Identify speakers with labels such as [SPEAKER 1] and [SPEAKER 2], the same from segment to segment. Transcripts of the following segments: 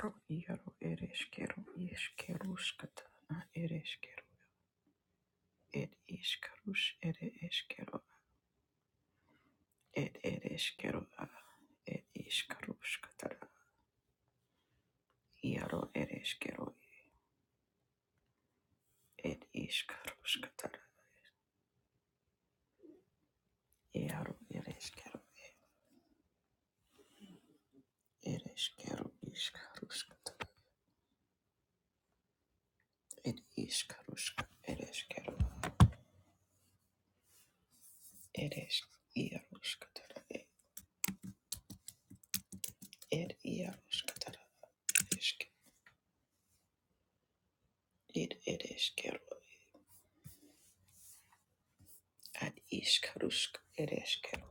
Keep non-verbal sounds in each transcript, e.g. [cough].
[SPEAKER 1] Ro iaro ereshkero iskeruskatana ereshkero ed iskarus ere eskero ed ereshkero a ed iskaruskatana iaro ereshkero ed iskaruskatana iaro ereshkero ereshkero iskaruskatana ed iskaruska ereshkero eresh iaruskatana ed iaruskatana esk ed ereshkero ad iskarusk ereshkero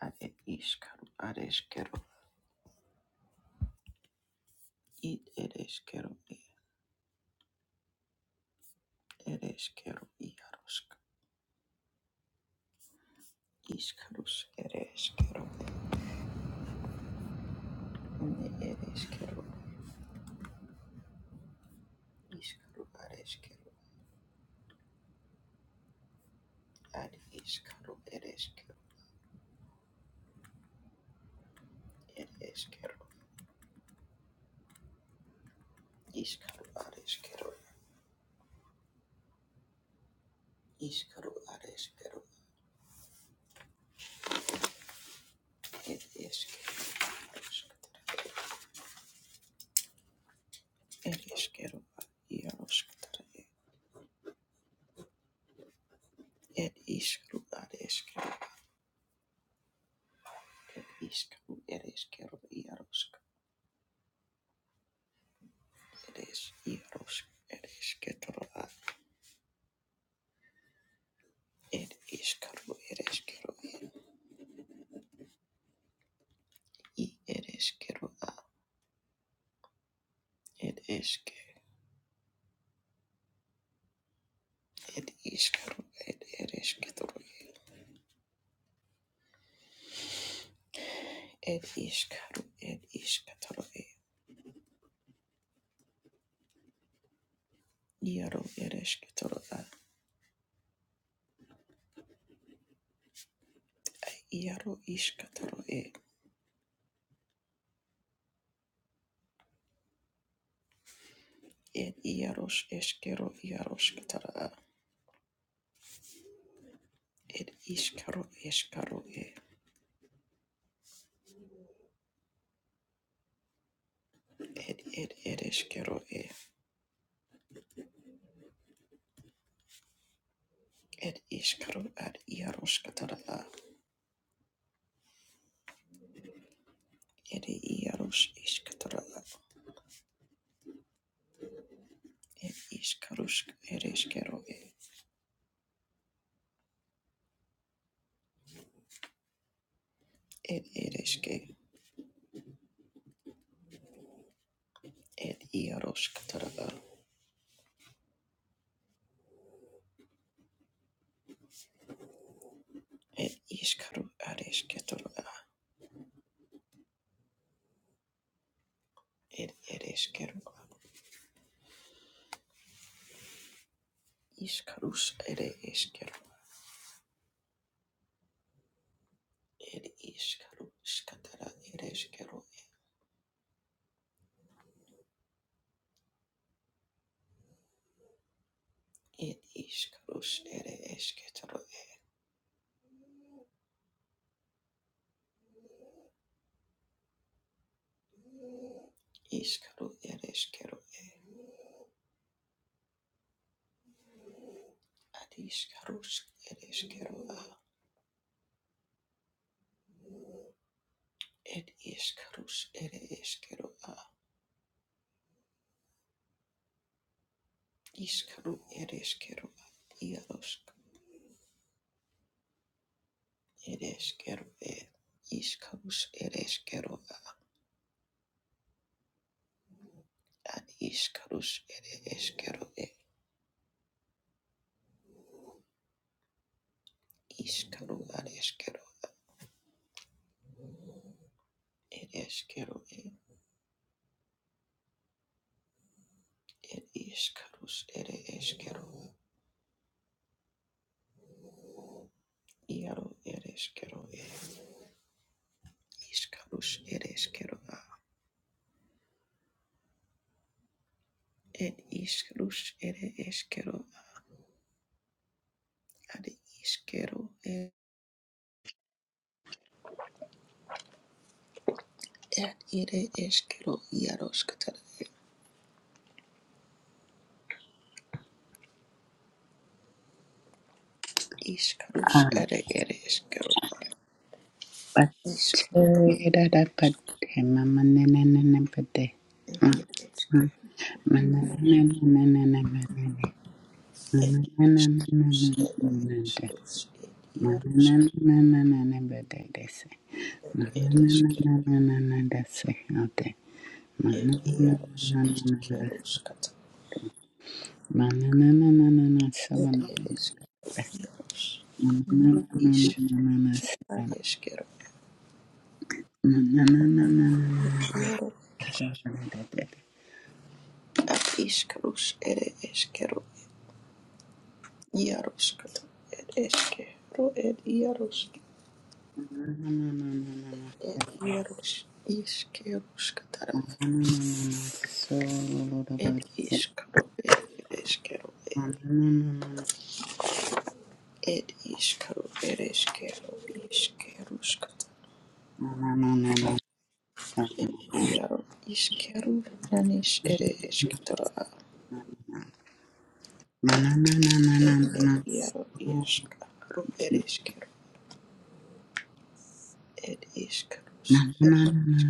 [SPEAKER 1] Are iskaro, areskero, id ereskero, e ereskero, iarosk, iskarus, ereskero, ne ereskero, iskaro, areskero, ad iskaro, ereskero, ereskero, iskaro, areskero, iskaro, areskero, ereskero, iarosk, ereskero, iarosk, tare, ed iskaro, areskero, ed iskaro, ereskero, iarosk, eres Iaros eres Ketroa ed Iskaro eres Kero i eres Keroa ed Eske ed Iskaro ed eres Ketro ed Iskaro ed Iskatro Iaro eres Ketroa Iaro Iskatro ed Iaros Eskero Iaros Ketroa ed Iskaro Eskaro ed ed eres Kero ed Iskaro ad Iaros Ketroa Ere iaros iskatara Ed iskarusk ereskero ed ereske ed iarosk tarada ed iskaru areske tarada ed ereskero iskarus ere eskero ed iskaru skatara ereskero ed iskarus ere esketaro iskaru ereskero ad iskarus ereskero ed iskarus ere eskero iskaru ereskero iarosk Ereshkero e ishkarush ereshkero ad ishkarush ereshkero e ishkaru areshkero ereshkero e er ishkarush ereshkero iaro ereshkero e ishkarush ereshkero a ed ishkarush ereshkero ad ishkero e ed ere eshkero iaroshkatar e ishkarush
[SPEAKER 2] Ah,
[SPEAKER 1] ere ereshkero
[SPEAKER 2] but
[SPEAKER 1] ishkaru
[SPEAKER 2] that I put him a man and put the
[SPEAKER 1] ere eshkero
[SPEAKER 2] man
[SPEAKER 1] It is Eremesos, it Yaros, Eresker, it Yaros, Iskeros, Kat, it Eresker, Yaros, Ni Ish, Aresker, it
[SPEAKER 2] and
[SPEAKER 1] Yaro, At Iskeros, Ere Eskero, Yaros, Kat, it Eskero, it Yaros, it Yaros, Iskeros, Katara,
[SPEAKER 2] Thank
[SPEAKER 1] it Iskero, it Ereskero, it Iskero, Ereskero, Iskeros, Iaro iskeru nanish ere eskitoro a ed ed iaro iaskaro ere eskeru ed iskarus ere esk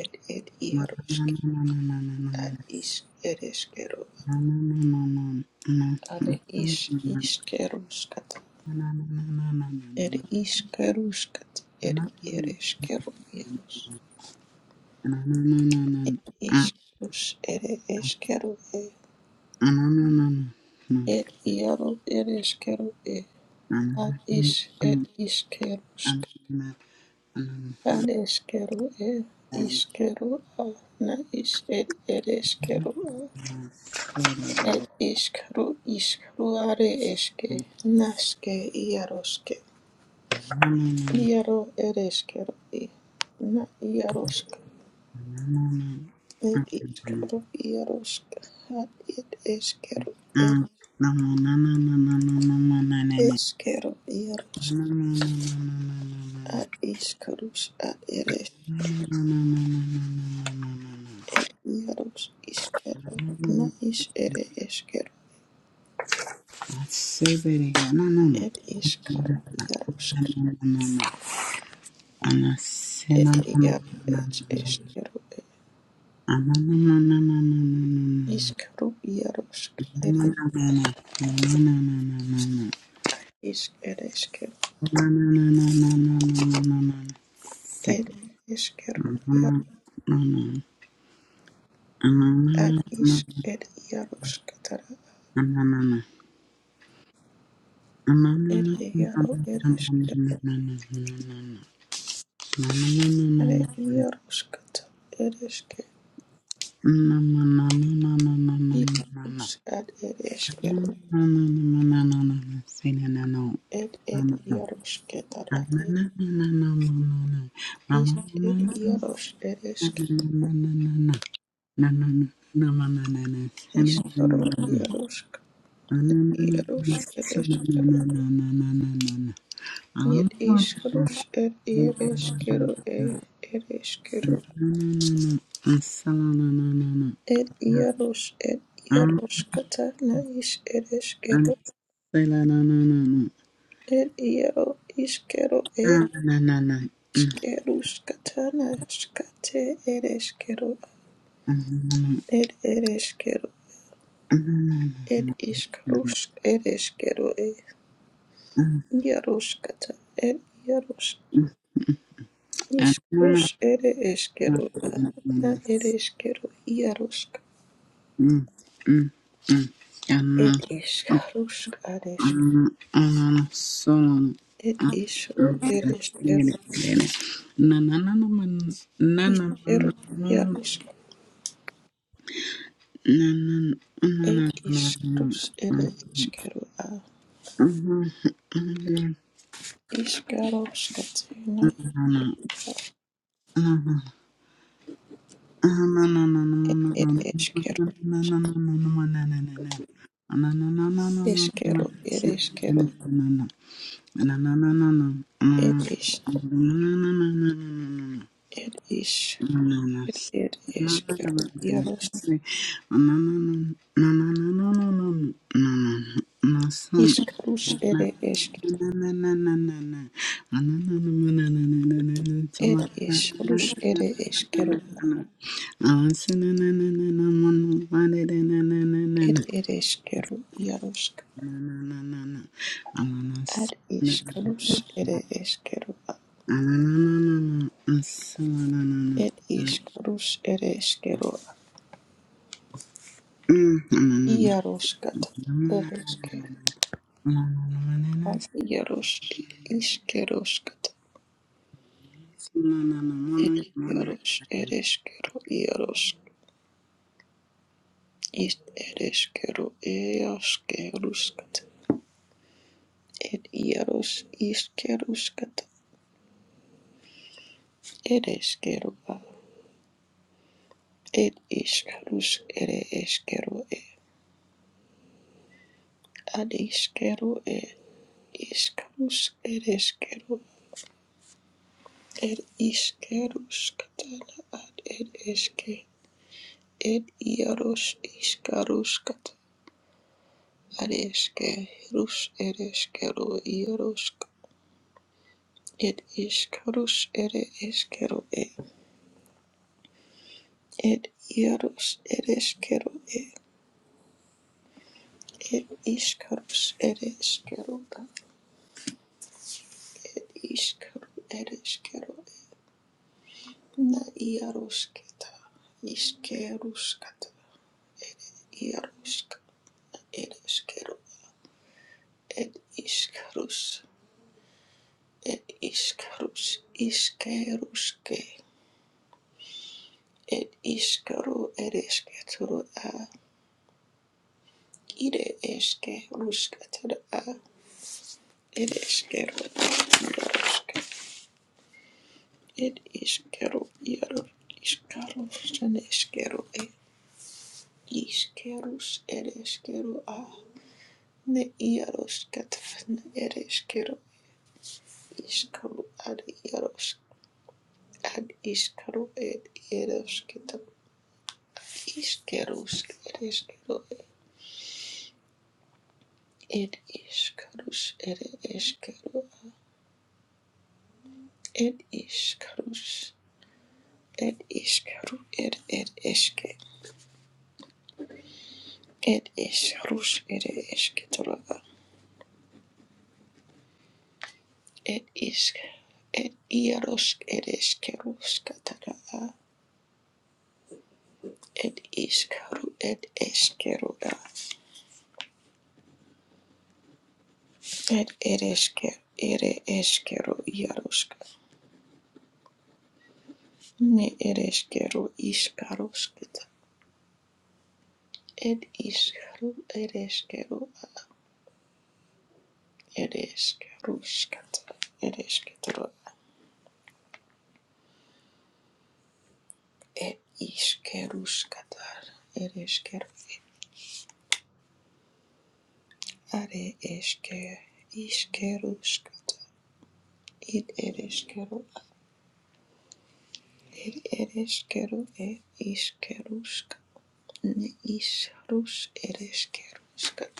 [SPEAKER 1] ed ed iaroske ad is ere eskeru are is iskeruskat ed iskeruskat ed ere eskeru iaros ed iskarus ere eskeru e ed iaro ere eskeru e ad is ed iskerus Adeskero ed iskero a na is ed edeskero a
[SPEAKER 2] you.
[SPEAKER 1] ed iskru iskru are eske naske iaroske
[SPEAKER 2] I
[SPEAKER 1] iaro ereskero i na iarosk ed iskru iarosk ad ed eskero ed eskero iarosk ad iskrus ad ereskero ed iaros iskero na is ere eskero
[SPEAKER 2] say baby, no no no.
[SPEAKER 1] ed iskru iaroske.
[SPEAKER 2] Ana say no
[SPEAKER 1] It
[SPEAKER 2] no no
[SPEAKER 1] iaro
[SPEAKER 2] no.
[SPEAKER 1] es eskero
[SPEAKER 2] Ana no no no no no no no. Ana no no no no no no no.
[SPEAKER 1] iskero iarosk
[SPEAKER 2] Ana no
[SPEAKER 1] eres
[SPEAKER 2] no no
[SPEAKER 1] ad isk eresker
[SPEAKER 2] no no no no no. Sick.
[SPEAKER 1] ed eskero
[SPEAKER 2] No no
[SPEAKER 1] iar
[SPEAKER 2] no no. Ana no no
[SPEAKER 1] ad
[SPEAKER 2] no no
[SPEAKER 1] isk ed iaroskatara
[SPEAKER 2] Mama,
[SPEAKER 1] ed iaro eresker are iaroskata ereske iskrus ad ed eskero ed ed iaroskatara ed is ed iaros ereskero iskero iarosk iaros ed Yet ishkarush et yereshkeru e
[SPEAKER 2] Na na
[SPEAKER 1] ereshkeru
[SPEAKER 2] na na
[SPEAKER 1] et yarosh et yaroshkata na ish ereshkeru et yaro ishkeru e
[SPEAKER 2] na na
[SPEAKER 1] ishkerushkata na shkate ereshkeru
[SPEAKER 2] na.
[SPEAKER 1] et ereshkeru et ishkarush ereshkeru e yaroshkata et yarosh ishkarush ere a na ereshkeru yaroshk et ishkarush It isru ere eskeru iskeru iarusk. It iskrus ere eskeru a iskaro skatena iskeru.
[SPEAKER 2] Ananana
[SPEAKER 1] It ere eskeru eskeru ere eskeru. It is it is it ere eskeru iarusk. Iskrus ere esk. It isrus ere eskeru.
[SPEAKER 2] Good afternoon,
[SPEAKER 1] It ere eskeru iarusk. Ad iskrus ere eskeru. It ishkarush ereshkero iaroshkat ereshke ad iarosh ishkeroshkat et iarosh ereshkero iarosh ist ereshkero eashkerushkat et iarosh ishkerushkat ereshkero a et ishkarush ereshkero e ad ishkero e ishkarush ereshkero er ishkerushkatana ad ereshke ir ieros iškaruškat areške rus ereškero ierosk ir iškarus ere eskero e ir ieros ereskero e ir iškarus ereskero a iškaru ereskero e na ierosketa iškeruskata ierosk ereskero ir iškarus ir iškarus iškeruske Ed ishkaru ereshketuru a. Ire eshke rushketuru a. Ed eshkeru yarushke. Ed ishkeru yaru ishkaru shaneshkeru e. Ishkerus ereshkeru a. Ne yarushketfn ereshkeru ishkaru ad yarushk. Ad ishkaru ed yarushketu. Ishkerus ereshkeru e. Ed ishkarus ere Ed ishkarush, ed ishkaru, ed ed ishke, ed ishkarush, ed ishketoraba, ed ishk, ed iarosh, ed ishkerush kataraba, ed ishkaru, ed ishkeruba, ed ed ishker, ere ishkeru iaroshka, ne ed ishkeru ishkarushkata, ed ishkaru, ed ishkeru, ed ishkarushkata, ed ishketoraba. Er ískeruskatar, er iskerufi, are eske, iskeruskatar, id er iskeru, er er iskeru, er iskeruskat, ne isrus er iskeruskat,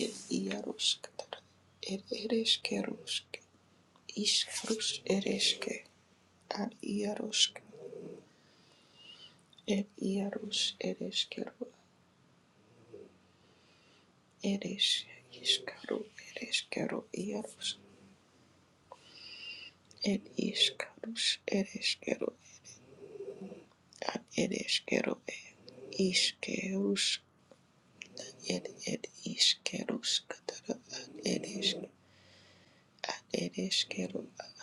[SPEAKER 1] er iaruskatar, er er iskerusk, isrus er iske, ar iarusk, er iarus er iskeru, er is, iskaru, er iskeru, iarus. Ed iskarus ereskero ad ereskero e iskerus ed ed iskerus katara ad eresk ad ereskero ad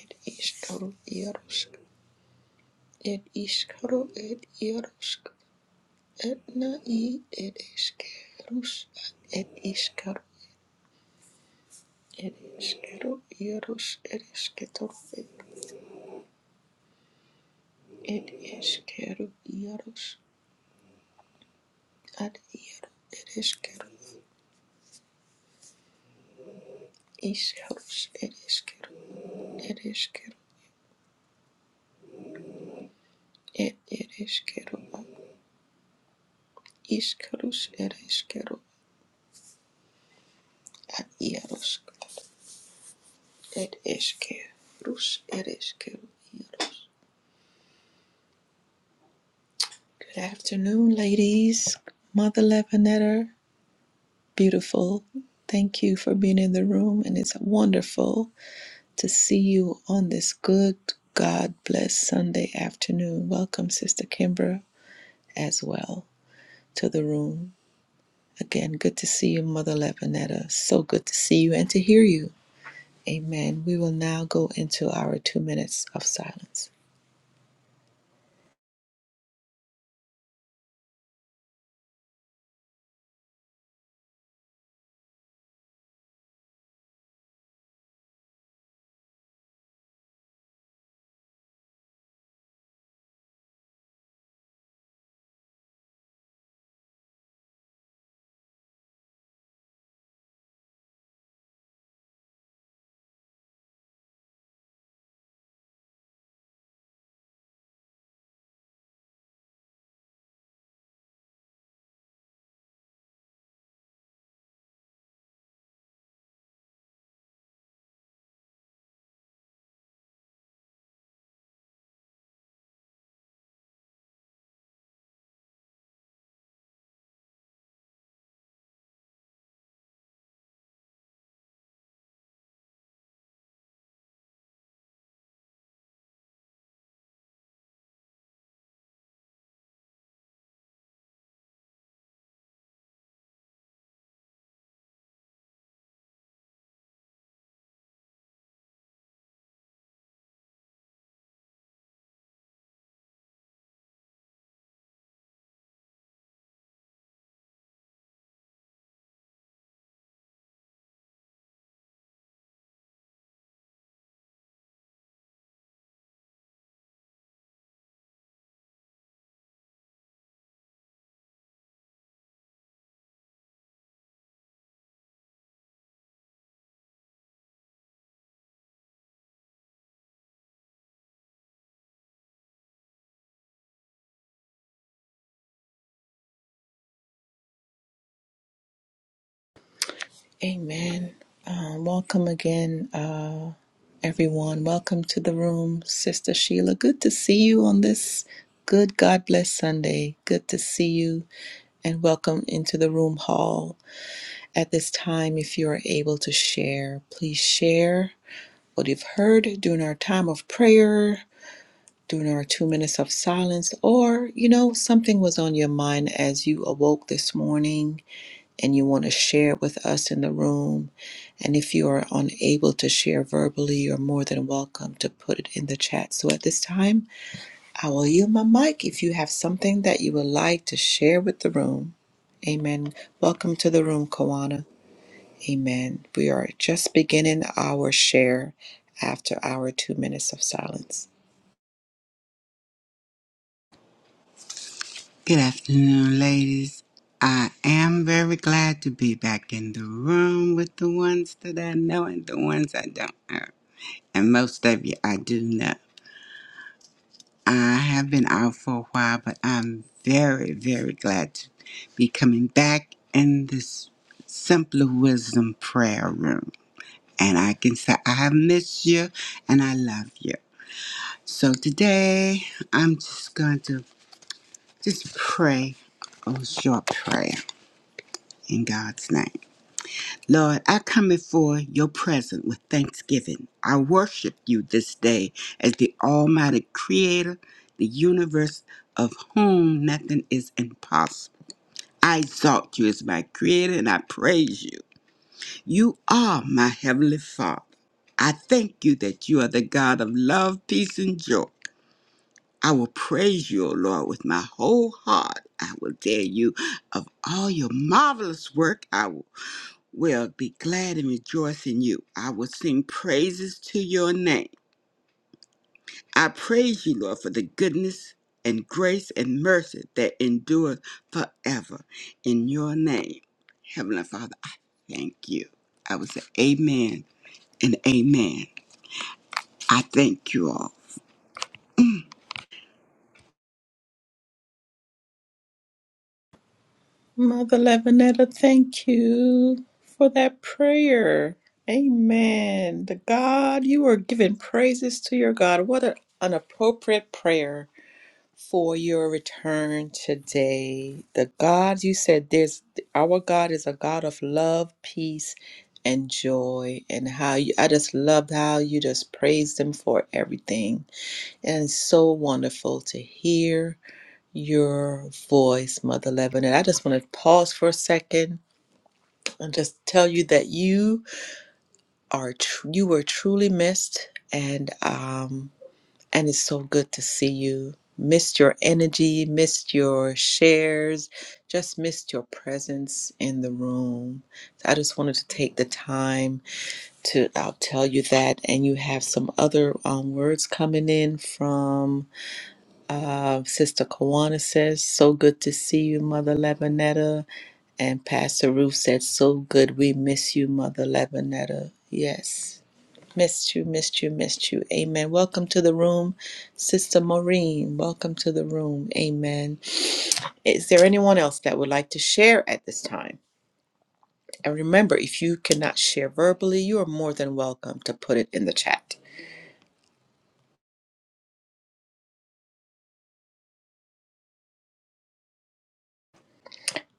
[SPEAKER 1] ed iskaru iarusk ed iskaru ed iarusk ed na i ereskerus ad ed iskaru ereskero iarus eresketoro ed ed eskeru iarus ad iaru ereskeru Iskarus ereskeru ereskeru et ereskeru Iskarus ereskeru ad iaros et eskerus ereskeru iaros. Good afternoon, ladies. Mother Lebanetter, beautiful. Thank you for being in the room, and it's wonderful to see you on this good, God bless Sunday afternoon. Welcome, Sister Kimbra, as well to the room. Again, good to see you, Mother Levinetta. So good to see you and to hear you. Amen. We will now go into our two minutes of silence. Amen. Uh, welcome again, uh, everyone. Welcome to the room, Sister Sheila. Good to see you on this good God bless Sunday. Good to see you and welcome into the room hall. At this time, if you are able to share, please share what you've heard during our time of prayer during our two minutes of silence, or you know, something was on your mind as you awoke this morning and you want to share it with us in the room. And if you are unable to share verbally, you're more than welcome to put it in the chat. So at this time, I will yield my mic if you have something that you would like to share with the room. Amen. Welcome to the room, Kawana. Amen. We are just beginning our share after our two minutes of silence.
[SPEAKER 2] ladies. I am very glad to be back in the room with the ones that I know and the ones I don't know. And most of you I do know. I have been out for a while, but I'm very, very glad to be coming back in this Simpler Wisdom prayer room. And I can say I have missed you and I love you. So today I'm just going to just pray a short prayer in God's name. Lord, I come before your presence with thanksgiving. I worship you this day as the Almighty Creator, the universe of whom nothing is impossible. I exalt you as my Creator and I praise you. You are my Heavenly Father. I thank you that you are the God of love, peace, and joy. I will praise you, O Lord, with my whole heart. I will tell you of all your marvelous work. I will will be glad and rejoice in you. I will sing praises to your name. I praise you, Lord, for the goodness and grace and mercy that endures forever in your name. Heavenly Father, I thank you. I will say amen and amen. I thank you all.
[SPEAKER 1] Mother Levinetta, thank you for that prayer. Amen. The God, you are giving praises to your God. What a- an appropriate prayer for your return today. The God, you said, there's our God is a God of love, peace, and joy. And how you, I just loved how you just praised Him for everything. And it's so wonderful to hear your voice, Mother Levin. And I just want to pause for a second and just tell you that you are tr- you were truly missed, and um, and it's so good to see you. Missed your energy, missed your shares, just missed your presence in the room. So I just wanted to take the time to I'll tell you that, and you have some other um, words coming in from. Uh, Sister Kawana says, So good to see you, Mother Lebanetta. And Pastor Ruth said, So good. We miss you, Mother Lebanetta. Yes. Missed you, missed you, missed you. Amen. Welcome to the room, Sister Maureen. Welcome to the room. Amen. Is there anyone else that would like to share at this time? And remember, if you cannot share verbally, you are more than welcome to put it in the chat.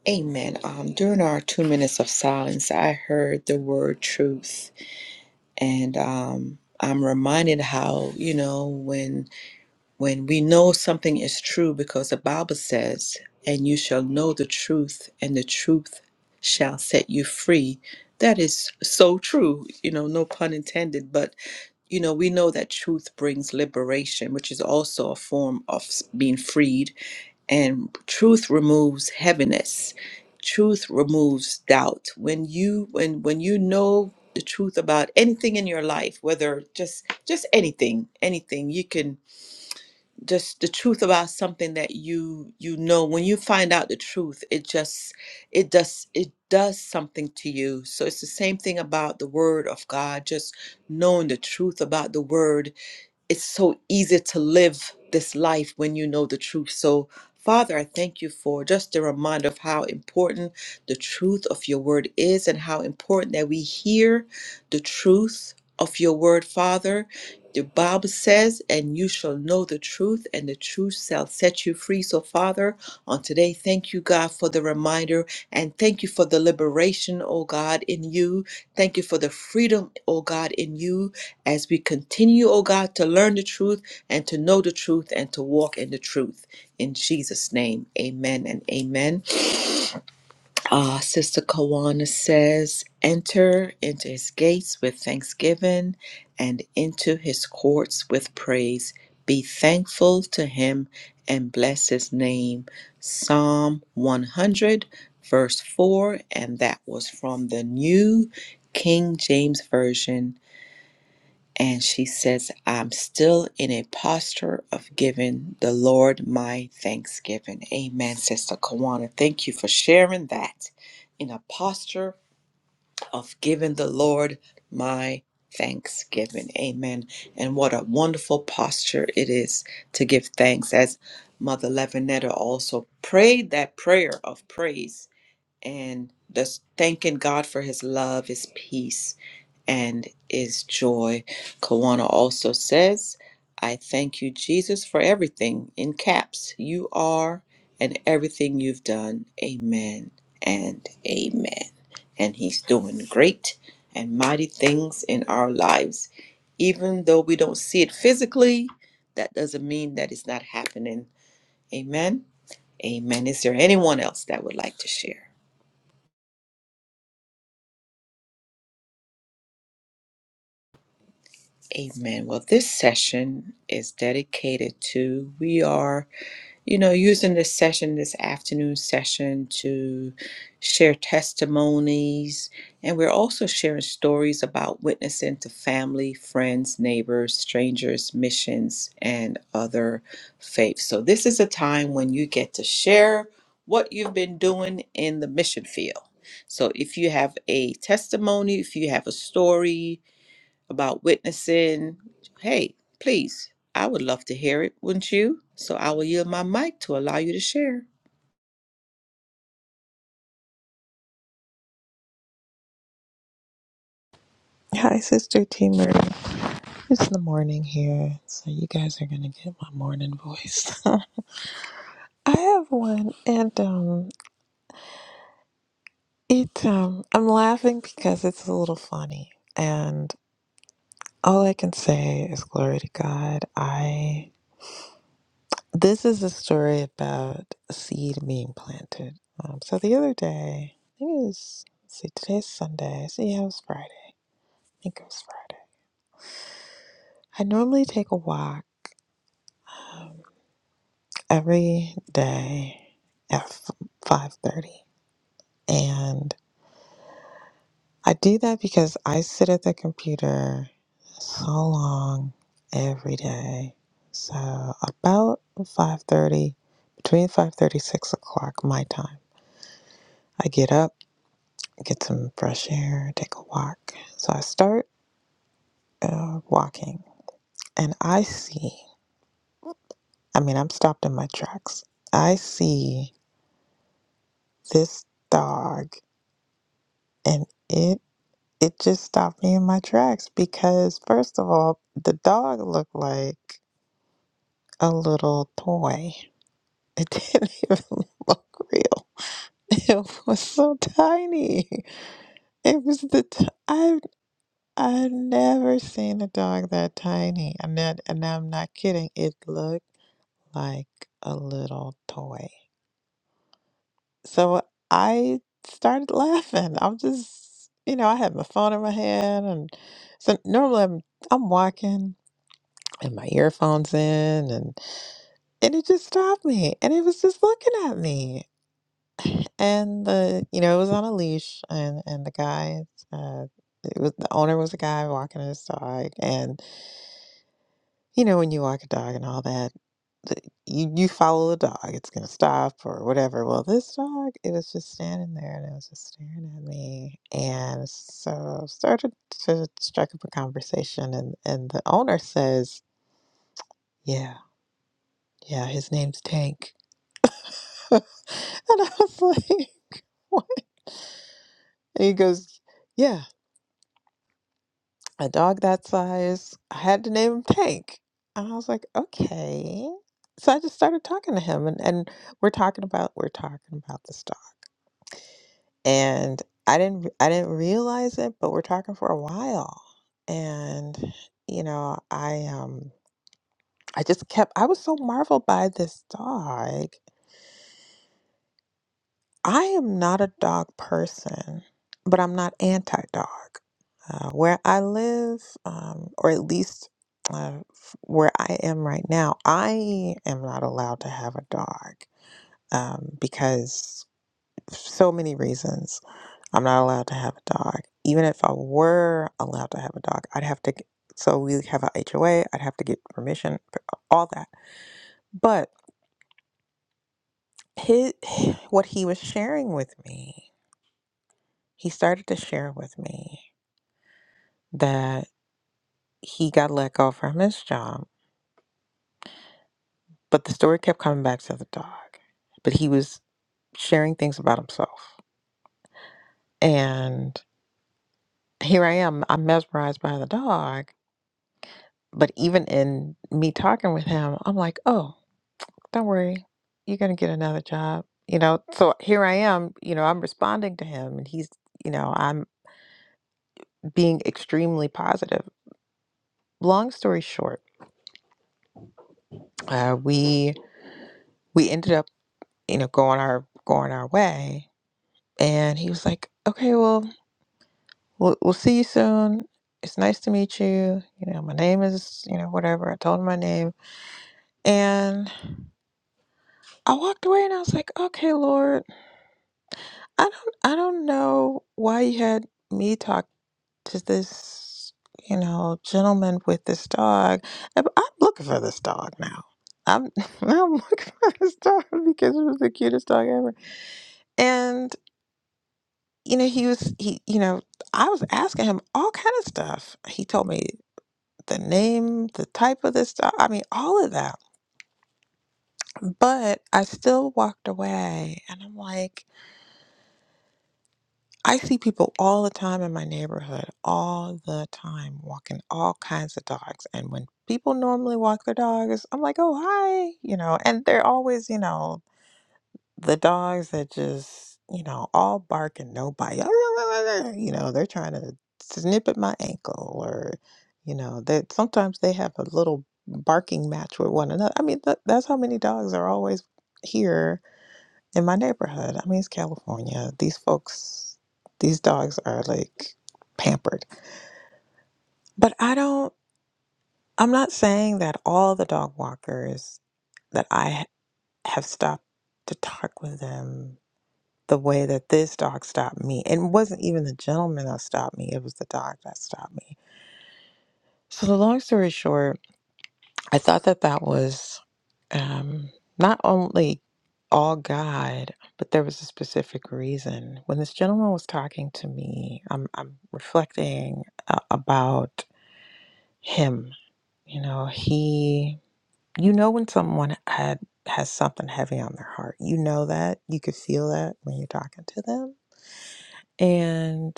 [SPEAKER 1] Amen. Um, during our two minutes of silence, I heard the word truth And um, I'm reminded how, you know, when when we know something is true, because the Bible says, and you shall know the truth, and the truth shall set you free. That is so true, you know, no pun intended, but you know, we know that truth brings liberation, which is also a form of s- being freed. And truth removes heaviness. Truth removes doubt. When you when when you know the truth about anything in your life, whether just just anything, anything, you can just the truth about something that you you know when you find out the truth it just it does it does something to you so it's the same thing about the word of god just knowing the truth about the word it's so easy to live this life when you know the truth. So, Father, I thank you for just a reminder of how important the truth of your word is and how important that we hear the truth of your word, Father. The Bible says, and you shall know the truth, and the truth shall set you free. So, Father, on today, thank you, God, for the reminder, and thank you for the liberation, oh God, in you. Thank you for the freedom, oh God, in you as we continue, O God, to learn the truth and to know the truth and to walk in the truth. In Jesus' name, amen and amen. Uh, Sister Kawana says, Enter into his gates with thanksgiving and into his courts with praise. Be thankful to him and bless his name. Psalm 100, verse 4, and that was from the New King James Version and she says, I'm still in a posture of giving the Lord my thanksgiving. Amen, Sister Kawana. Thank you for sharing that. In a posture of giving the Lord my thanksgiving. Amen. And what a wonderful posture it is to give thanks. As Mother Levinetta also prayed that prayer of praise and just thanking God for his love, his peace and is joy. Kawana also says, I thank you, Jesus, for everything. In caps, you are and everything you've done. Amen and amen. And he's doing great and mighty things in our lives. Even though we don't see it physically, that doesn't mean that it's not happening. Amen. Amen. Is there anyone else that would like to share? Amen. Well, this session is dedicated to we are you know, using this session, this afternoon session, to share testimonies. And we're also sharing stories about witnessing to family, friends, neighbors, strangers, missions, and other faiths. So, this is a time when you get to share what you've been doing in the mission field. So, if you have a testimony, if you have a story, about witnessing, hey, please, I would love to hear it, wouldn't you? So I will yield my mic to allow you to share.
[SPEAKER 3] Hi, Sister Teamer. It's the morning here, so you guys are gonna get my morning voice. [laughs] I have one, and um, it um, I'm laughing because it's a little funny, and all I can say is glory to God. I this is a story about a seed being planted. Um, so the other day, I think it was. Let's see, today's Sunday. See, yeah, it was Friday. I think it was Friday. I normally take a walk every day at 5:30 and I do that because I sit at the computer so long every day so about 5:30 between 5:30 6 o'clock my time I get up get some fresh air take a walk so I start uh, walking and I see I mean I'm stopped in my tracks I see this dog and it it just stopped me in my tracks because first of all the dog looked like a little toy it didn't [laughs] even look real it was so tiny it was the t- i i've never seen a dog that tiny and that and i'm not kidding it looked like a little toy so i started laughing i'm just you know i had my phone in my hand and so normally i'm i'm walking and my earphones in and and it just stopped me and it was just looking at me and the you know it was on a leash and and the guy uh it was the owner was a guy walking his dog and you know when you walk a dog and all that the, you you follow the dog it's gonna stop or whatever well this dog it was just standing there and it was just staring at me and so started to strike up a conversation and and the owner says yeah yeah his name's Tank [laughs] And I was like, [laughs] what? And he goes, yeah, a dog that size. I had to name him Tank. And I was like, okay. So I just started talking to him, and, and we're talking about we're talking about this dog, and I didn't re- I didn't realize it, but we're talking for a while, and you know I um I just kept I was so marveled by this dog I am not a dog person, but I'm not anti dog. Uh, where I live, um, or at least uh, f- where I am right now, I am not allowed to have a dog um, because so many reasons. I'm not allowed to have a dog. Even if I were allowed to have a dog, I'd have to. g- So we have a HOA. I'd have to get permission, for all that. But his, [sighs] what he was sharing with me, he started to share with me that he got let go from his job, but the story kept coming back to the dog. But he was sharing things about himself. And here I am, I'm mesmerized by the dog. But even in me talking with him, I'm like, oh, don't worry, you're going to get another job. You know, so here I am, you know, I'm responding to him and he's, you know, I'm being extremely positive. Long story short, uh, we we ended up, you know, going our going our way And he was like, okay, well, we'll, we'll see you soon. It's nice to meet you. You know, my name is, you know, whatever. I told him my name. And I walked away and I was like, okay, Lord, I don't, I don't know why you had me talk to this, you know, gentleman with this dog. I'm I'm looking for this dog now. I'm, [laughs] I'm looking for this dog because it was the cutest dog ever. And, you know, he was, he, you know, I was asking him all kind of stuff. He told me the name, the type of this stuff. I mean, all of that. But I still walked away and I'm like, I see people all the time in my neighborhood, all the time, walking all kinds of dogs. And when people normally walk their dogs, I'm like, oh, hi, you know, and they're always, you know, the dogs that just, you know, all bark and no bite. [laughs] You know, they're trying to snip at my ankle or, you know, that sometimes they have a little barking match with one another. I mean, that, that's how many dogs are always here in my neighborhood. I mean, it's California. These folks, these dogs are like pampered. But I don't, I'm not saying that all the dog walkers that I have stopped to talk with them the way that this dog stopped me. And it wasn't even the gentleman that stopped me, it was the dog that stopped me. So, the long story short, I thought that that was um, not only all God, but there was a specific reason. When this gentleman was talking to me, I'm, I'm reflecting uh, about him. You know, he, you know, when someone had has something heavy on their heart, you know that you could feel that when you're talking to them. And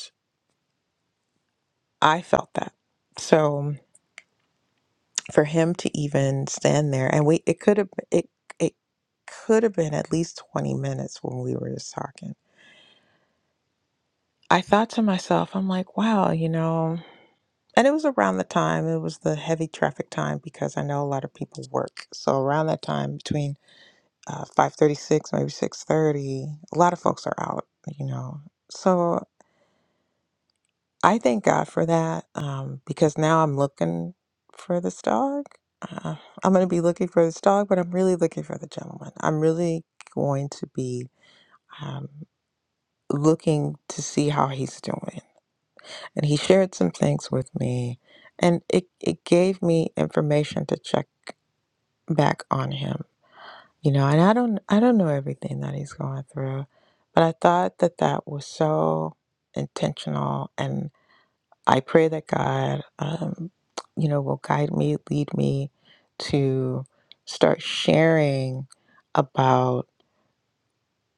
[SPEAKER 3] I felt that. So for him to even stand there and we it could have it it could have been at least 20 minutes when we were just talking. I thought to myself, I'm like, wow, you know, and it was around the time, it was the heavy traffic time because I know a lot of people work. So around that time between uh, 5:36 maybe 6:30, a lot of folks are out, you know. So I thank God for that um, because now I'm looking for this dog. Uh, I'm going to be looking for this dog, but I'm really looking for the gentleman. I'm really going to be um, looking to see how he's doing. And he shared some things with me, and it, it gave me information to check back on him. You know, and I don't I don't know everything that he's going through, but I thought that that was so intentional I pray that God, um, you know, will guide me, lead me to start sharing about,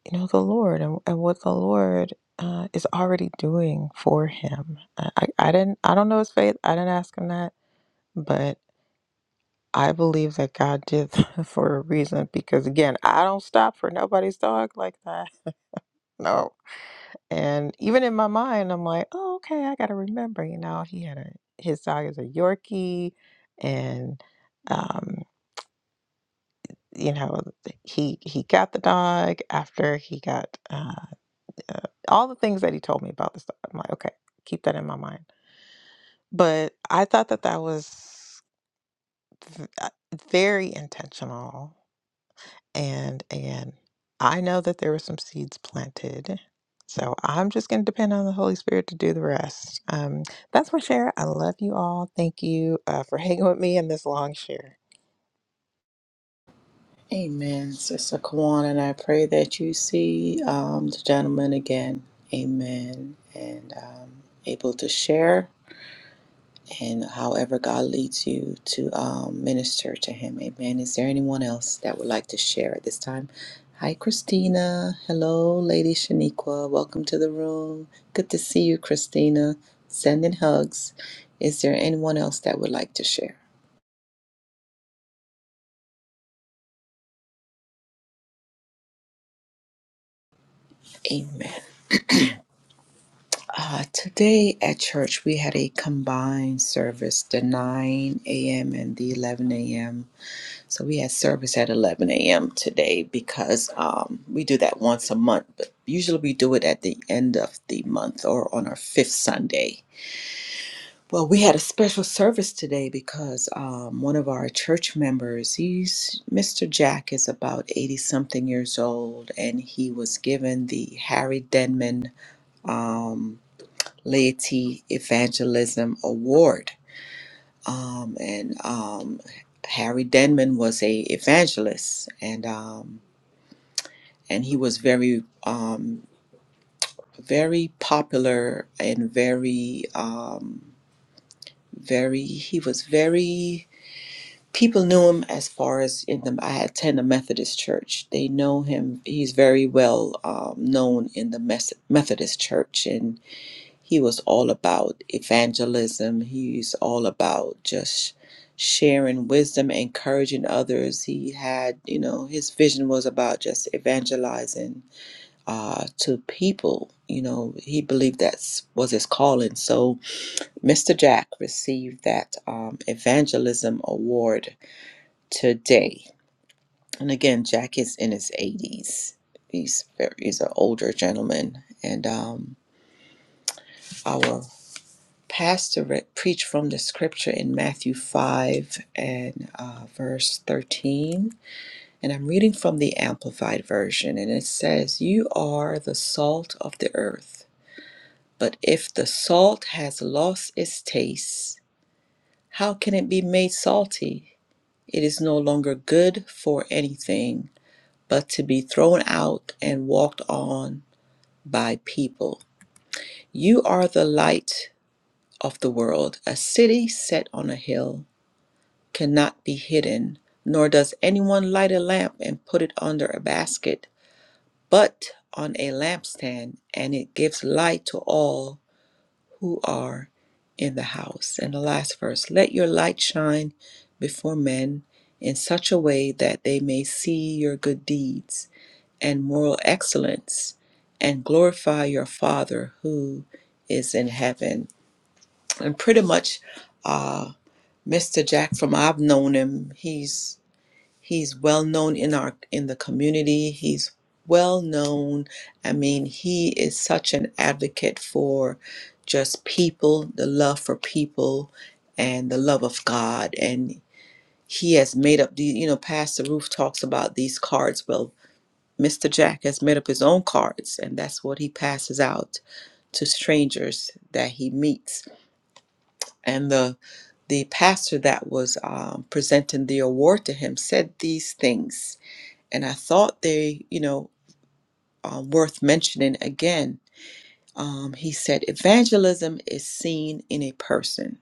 [SPEAKER 3] you know, the Lord and, and what the Lord uh, is already doing for him. I, I I didn't, I don't know his faith. I didn't ask him that, but I believe that God did [laughs] for a reason because, again, I don't stop for nobody's dog like that. [laughs] No. And even in my mind, I'm like, oh, okay, I got to remember. You know, he had a his dog is a Yorkie, and um, you know, he he got the dog after he got uh, uh, all the things that he told me about this dog. I'm like, okay, keep that in my mind. But I thought that that was v- uh, very intentional And again, I know that there were some seeds planted. So I'm just going to depend on the Holy Spirit to do the rest. Um, that's my share. I love you all. Thank you uh, for [laughs] hanging with me in this long share.
[SPEAKER 1] Amen, Sister Kawan, and I pray that you see um, the gentleman again. Amen. And um, able to share. and however God leads you to um, minister to Him. Amen. Is there anyone else that would like to share at this time? Hi, Christina. Hello, Lady Shaniqua. Welcome to the room. Good to see you, Christina. Sending hugs. Is there anyone else that would like to share? Amen. Uh, today at church, we had a combined service, the 9 a.m. and the 11 a.m. So we had service at 11 a.m. today because um, we do that once a month, but usually we do it at the end of the month or on our fifth Sunday. Well, we had a special service today because um, one of our church members, he's Mr. Jack, is about 80 something years old, and he was given the Harry Denman um, Laity Evangelism Award um, and um, Harry Denman was a evangelist, and um, and he was very um, very popular and very um, very he was very people knew him as far as in the I attend a Methodist church. They know him. He's very well um, known in the Mes- Methodist church, and he was all about evangelism. He's all about just sharing wisdom, encouraging others. He had, you know, his vision was about just evangelizing uh, to people. You know, he believed that was his calling. So Mr. Jack received that um, evangelism award today. And again, Jack is in his 80s. He's very, he's an older gentleman, and um, our Pastor Rick preached from the scripture in Matthew 5 and uh, verse 13. And I'm reading from the Amplified Version, and it says, You are the salt of the earth. But if the salt has lost its taste, how can it be made salty? It is no longer good for anything but to be thrown out and walked on by people. You are the light of the world, a city set on a hill cannot be hidden, nor does anyone light a lamp and put it under a basket, but on a lampstand, and it gives light to all who are in the house. And the last verse let your light shine before men in such a way that they may see your good deeds and moral excellence and glorify your Father who is in heaven. And pretty much, uh, Mr. Jack, from I've known him, he's He's well known in our in the community. He's well known. I mean, he is such an advocate for just people, the love for people and the love of God. And he has made up the you know, Pastor Roof talks about these cards. Well, Mr. Jack has made up his own cards, and that's what he passes out to strangers that he meets. And the the pastor that was um, presenting the award to him said these things and I thought they, you know, are worth mentioning again. Um, he said, Evangelism is seen in a person.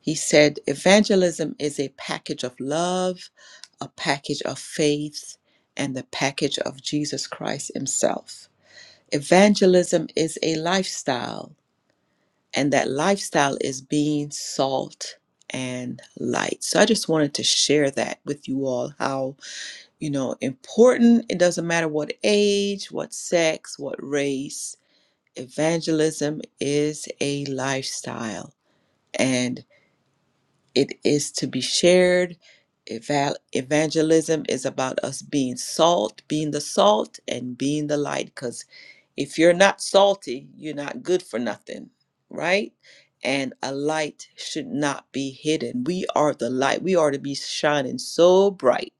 [SPEAKER 1] He said, Evangelism is a package of love, a package of faith, and the package of Jesus Christ Himself. Evangelism is a lifestyle, and that lifestyle is being salt and light. So I just wanted to share that with you all How. you know, important. It doesn't matter what age, what sex, what race. Evangelism is a lifestyle and it is to be shared. Eval- evangelism is about us being salt, being the salt, and being the light. Because if you're not salty, you're not good for nothing, right? And a light should not be hidden. We are the light. We are to be shining so bright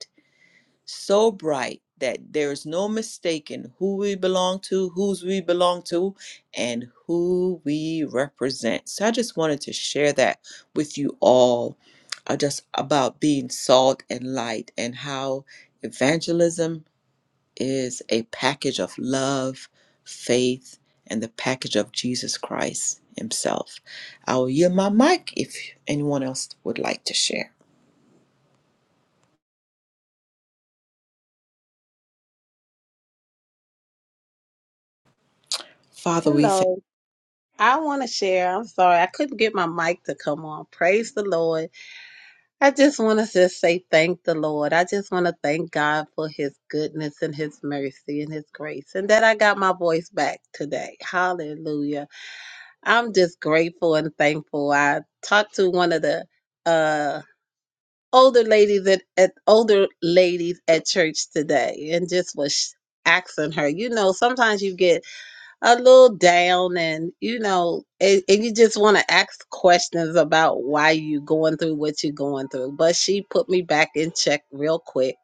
[SPEAKER 1] so bright that there is no mistaking who we belong to, whose we belong to, and who we represent. So I just wanted to share that with you all, uh, just about being salt and light and how evangelism is a package of love, faith, and the package of Jesus Christ Himself. I will yield my mic if anyone else would like to share. Father, we thank
[SPEAKER 4] Hello. I want to share. I'm sorry. I couldn't get my mic to come on. Praise the Lord. I just want to just say thank the Lord. I just want to thank God for his goodness and his mercy and his grace and that I got my voice back today. Hallelujah. I'm just grateful and thankful. I talked to one of the uh older ladies at, at older ladies at church today and just was asking her, you know, sometimes you get a little down and you know and, and you just want to ask questions about why you going through what you're going through but she put me back in check real quick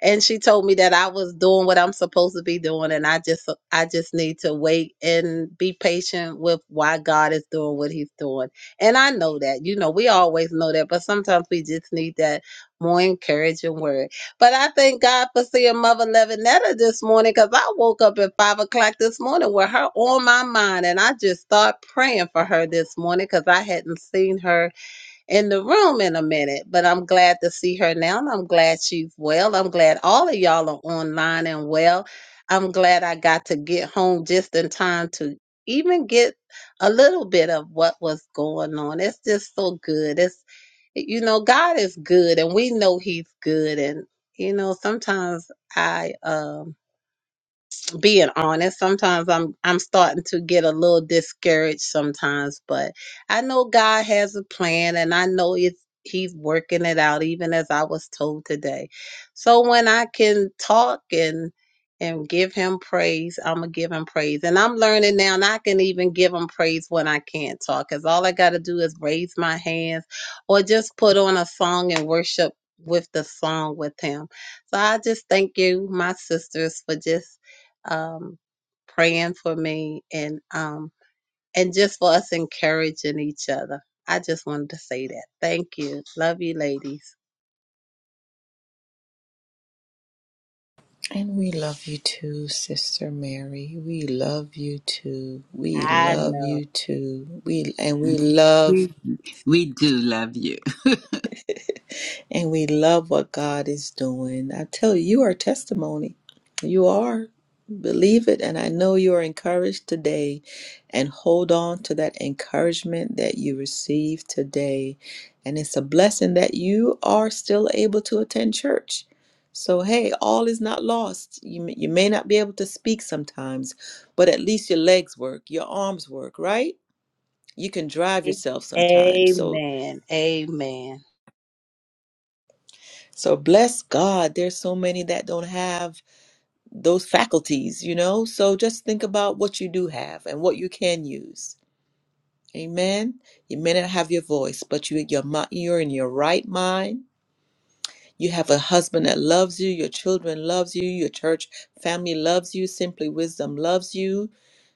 [SPEAKER 4] and she told me that I was doing what I'm supposed to be doing and I just I just need to wait and be patient with why God is doing what he's doing. And I know that. You know, we always know that, but sometimes we just need that more encouraging word. But I thank God for seeing Mother Levinetta this morning because I woke up at five o'clock this morning with her on my mind and I just start praying for her this morning because I hadn't seen her in the room in a minute, but I'm glad to see her now and I'm glad she's well. I'm glad all of y'all are online and well. I'm glad I got to get home just in time to even get a little bit of what was going on. It's just so good. It's you know, God is good and we know he's good and you know, sometimes I um just being honest sometimes i'm i'm starting to get a little discouraged sometimes but i know god has a plan and i know it's he's working it out even as i was told today so when i can talk and and give him praise i'm gonna give him praise and i'm learning now and i can even give him praise when i can't talk because all i gotta do is raise my hands or just put on a song and worship with the song with him so I just thank you, my sisters, for just um, praying for me and um, and just for us encouraging each other. I just wanted to say that. Thank you. Love you, ladies.
[SPEAKER 1] And we love you too, Sister Mary. We love you too. We
[SPEAKER 4] I
[SPEAKER 1] love
[SPEAKER 4] know.
[SPEAKER 1] you too. We and we love
[SPEAKER 2] We, we do love you. [laughs]
[SPEAKER 1] and we love what God is doing. I tell you, you are a testimony. You are. Believe it. And I know you are encouraged today. And hold on to that encouragement that you received today. And it's a blessing that you are still able to attend church. So, hey, all is not lost. You, may- you may not be able to speak sometimes, but at least your legs work, your arms work, right? You can drive yourself sometimes. So,
[SPEAKER 4] Amen. Amen.
[SPEAKER 1] So bless God, there's so many that don't have those faculties, you know? So just think about what you do have and what you can use. Amen. You may not have your voice, but you your mi- you're in your right mind. You have a husband that loves you, your children loves you, your church family loves you, simply wisdom loves you.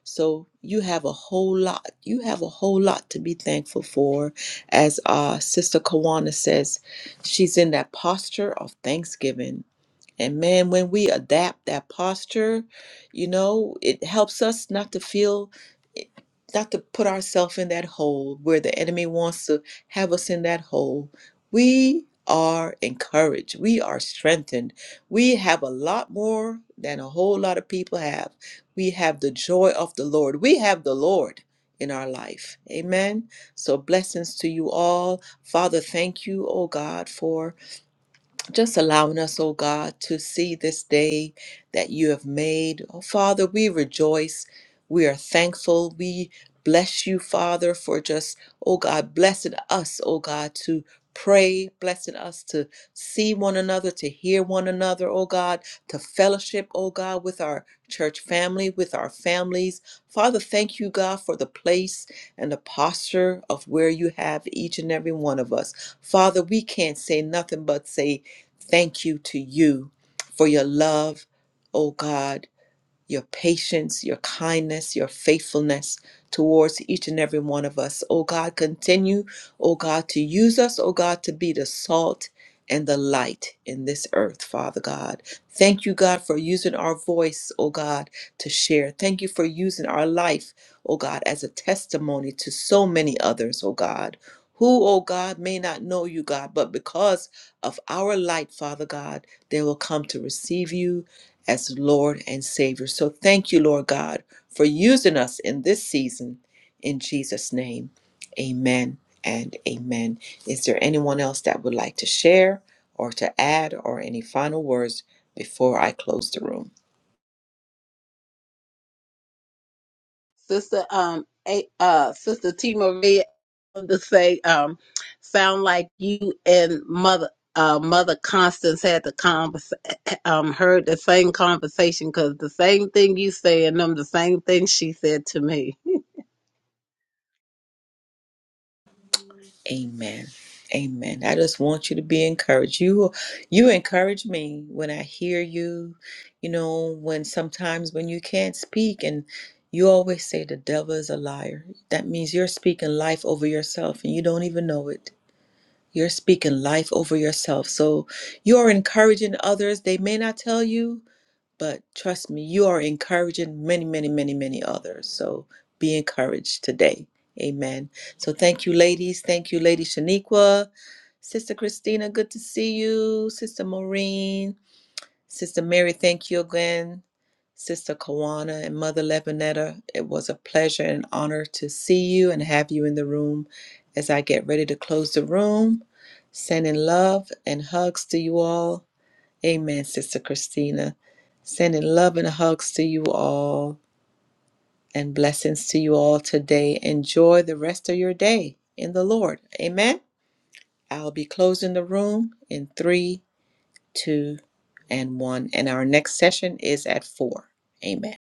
[SPEAKER 1] So you have a whole lot. You have a whole lot to be thankful for. As uh, Sister Kawana says, she's in that posture of thanksgiving and man, when we adapt that posture, you know, it helps us not to feel, eh, not to put ourselves in that hole where the enemy wants to have us in that hole. We are encouraged. We are strengthened. We have a lot more than a whole lot of people have. We have the joy of the Lord. We have the Lord in our life. Amen. So blessings to you all. Father, thank you, oh God, for just allowing us, oh God, to see this day that you have made. Oh, Father, we rejoice. We are thankful. We bless you, Father, for just, oh God, blessing us, oh God, to pray, blessing us to see one another, to hear one another, oh God, to fellowship, oh God, with our church family, with our families. Father, thank you, God, for the place and the posture of where you have each and every one of us. Father, we can't say nothing but say, Thank you to you for your love, oh God your patience, your kindness, your faithfulness towards each and every one of us. Oh God, continue, oh God, to use us, oh God, to be the salt and the light in this earth, Father God. Thank you, God, for using our voice, oh God, to share. Thank you for using our life, oh God, as a testimony to so many others, oh God. Who, oh God, may not know you, God, but because of our light, Father God, they will come to receive you as Lord and Savior. So thank you, Lord God, for using us in this season. In Jesus' name, amen and amen. Is there anyone else that would like to share or to add or any final words before I close the room?
[SPEAKER 4] Sister um a, uh Sister T Marie I wanted to say um sound like you and mother uh mother Constance had the convers um heard the same conversation because the same thing you say and them the same thing she said to me.
[SPEAKER 1] Amen. Amen. I just want you to be encouraged. You you encourage me when I hear you, you know, when sometimes when you can't speak and you always say the devil is a liar. That means you're speaking life over yourself and you don't even know it. You're speaking life over yourself. So you're encouraging others. They may not tell you, but trust me, you are encouraging many, many, many, many others. So be encouraged today. Amen. So thank you, ladies. Thank you, Lady Shaniqua. Sister Christina, good to see you. Sister Maureen. Sister Mary, thank you again. Sister Kawana and Mother Levinetta, it was a pleasure and honor to see you and have you in the room as I get ready to close the room. Sending love and hugs to you all. Amen, Sister Christina. Sending love and hugs to you all and blessings to you all today. Enjoy the rest of your day in the Lord. Amen. I'll be closing the room in three, two, and one. And our next session is at four. Amen.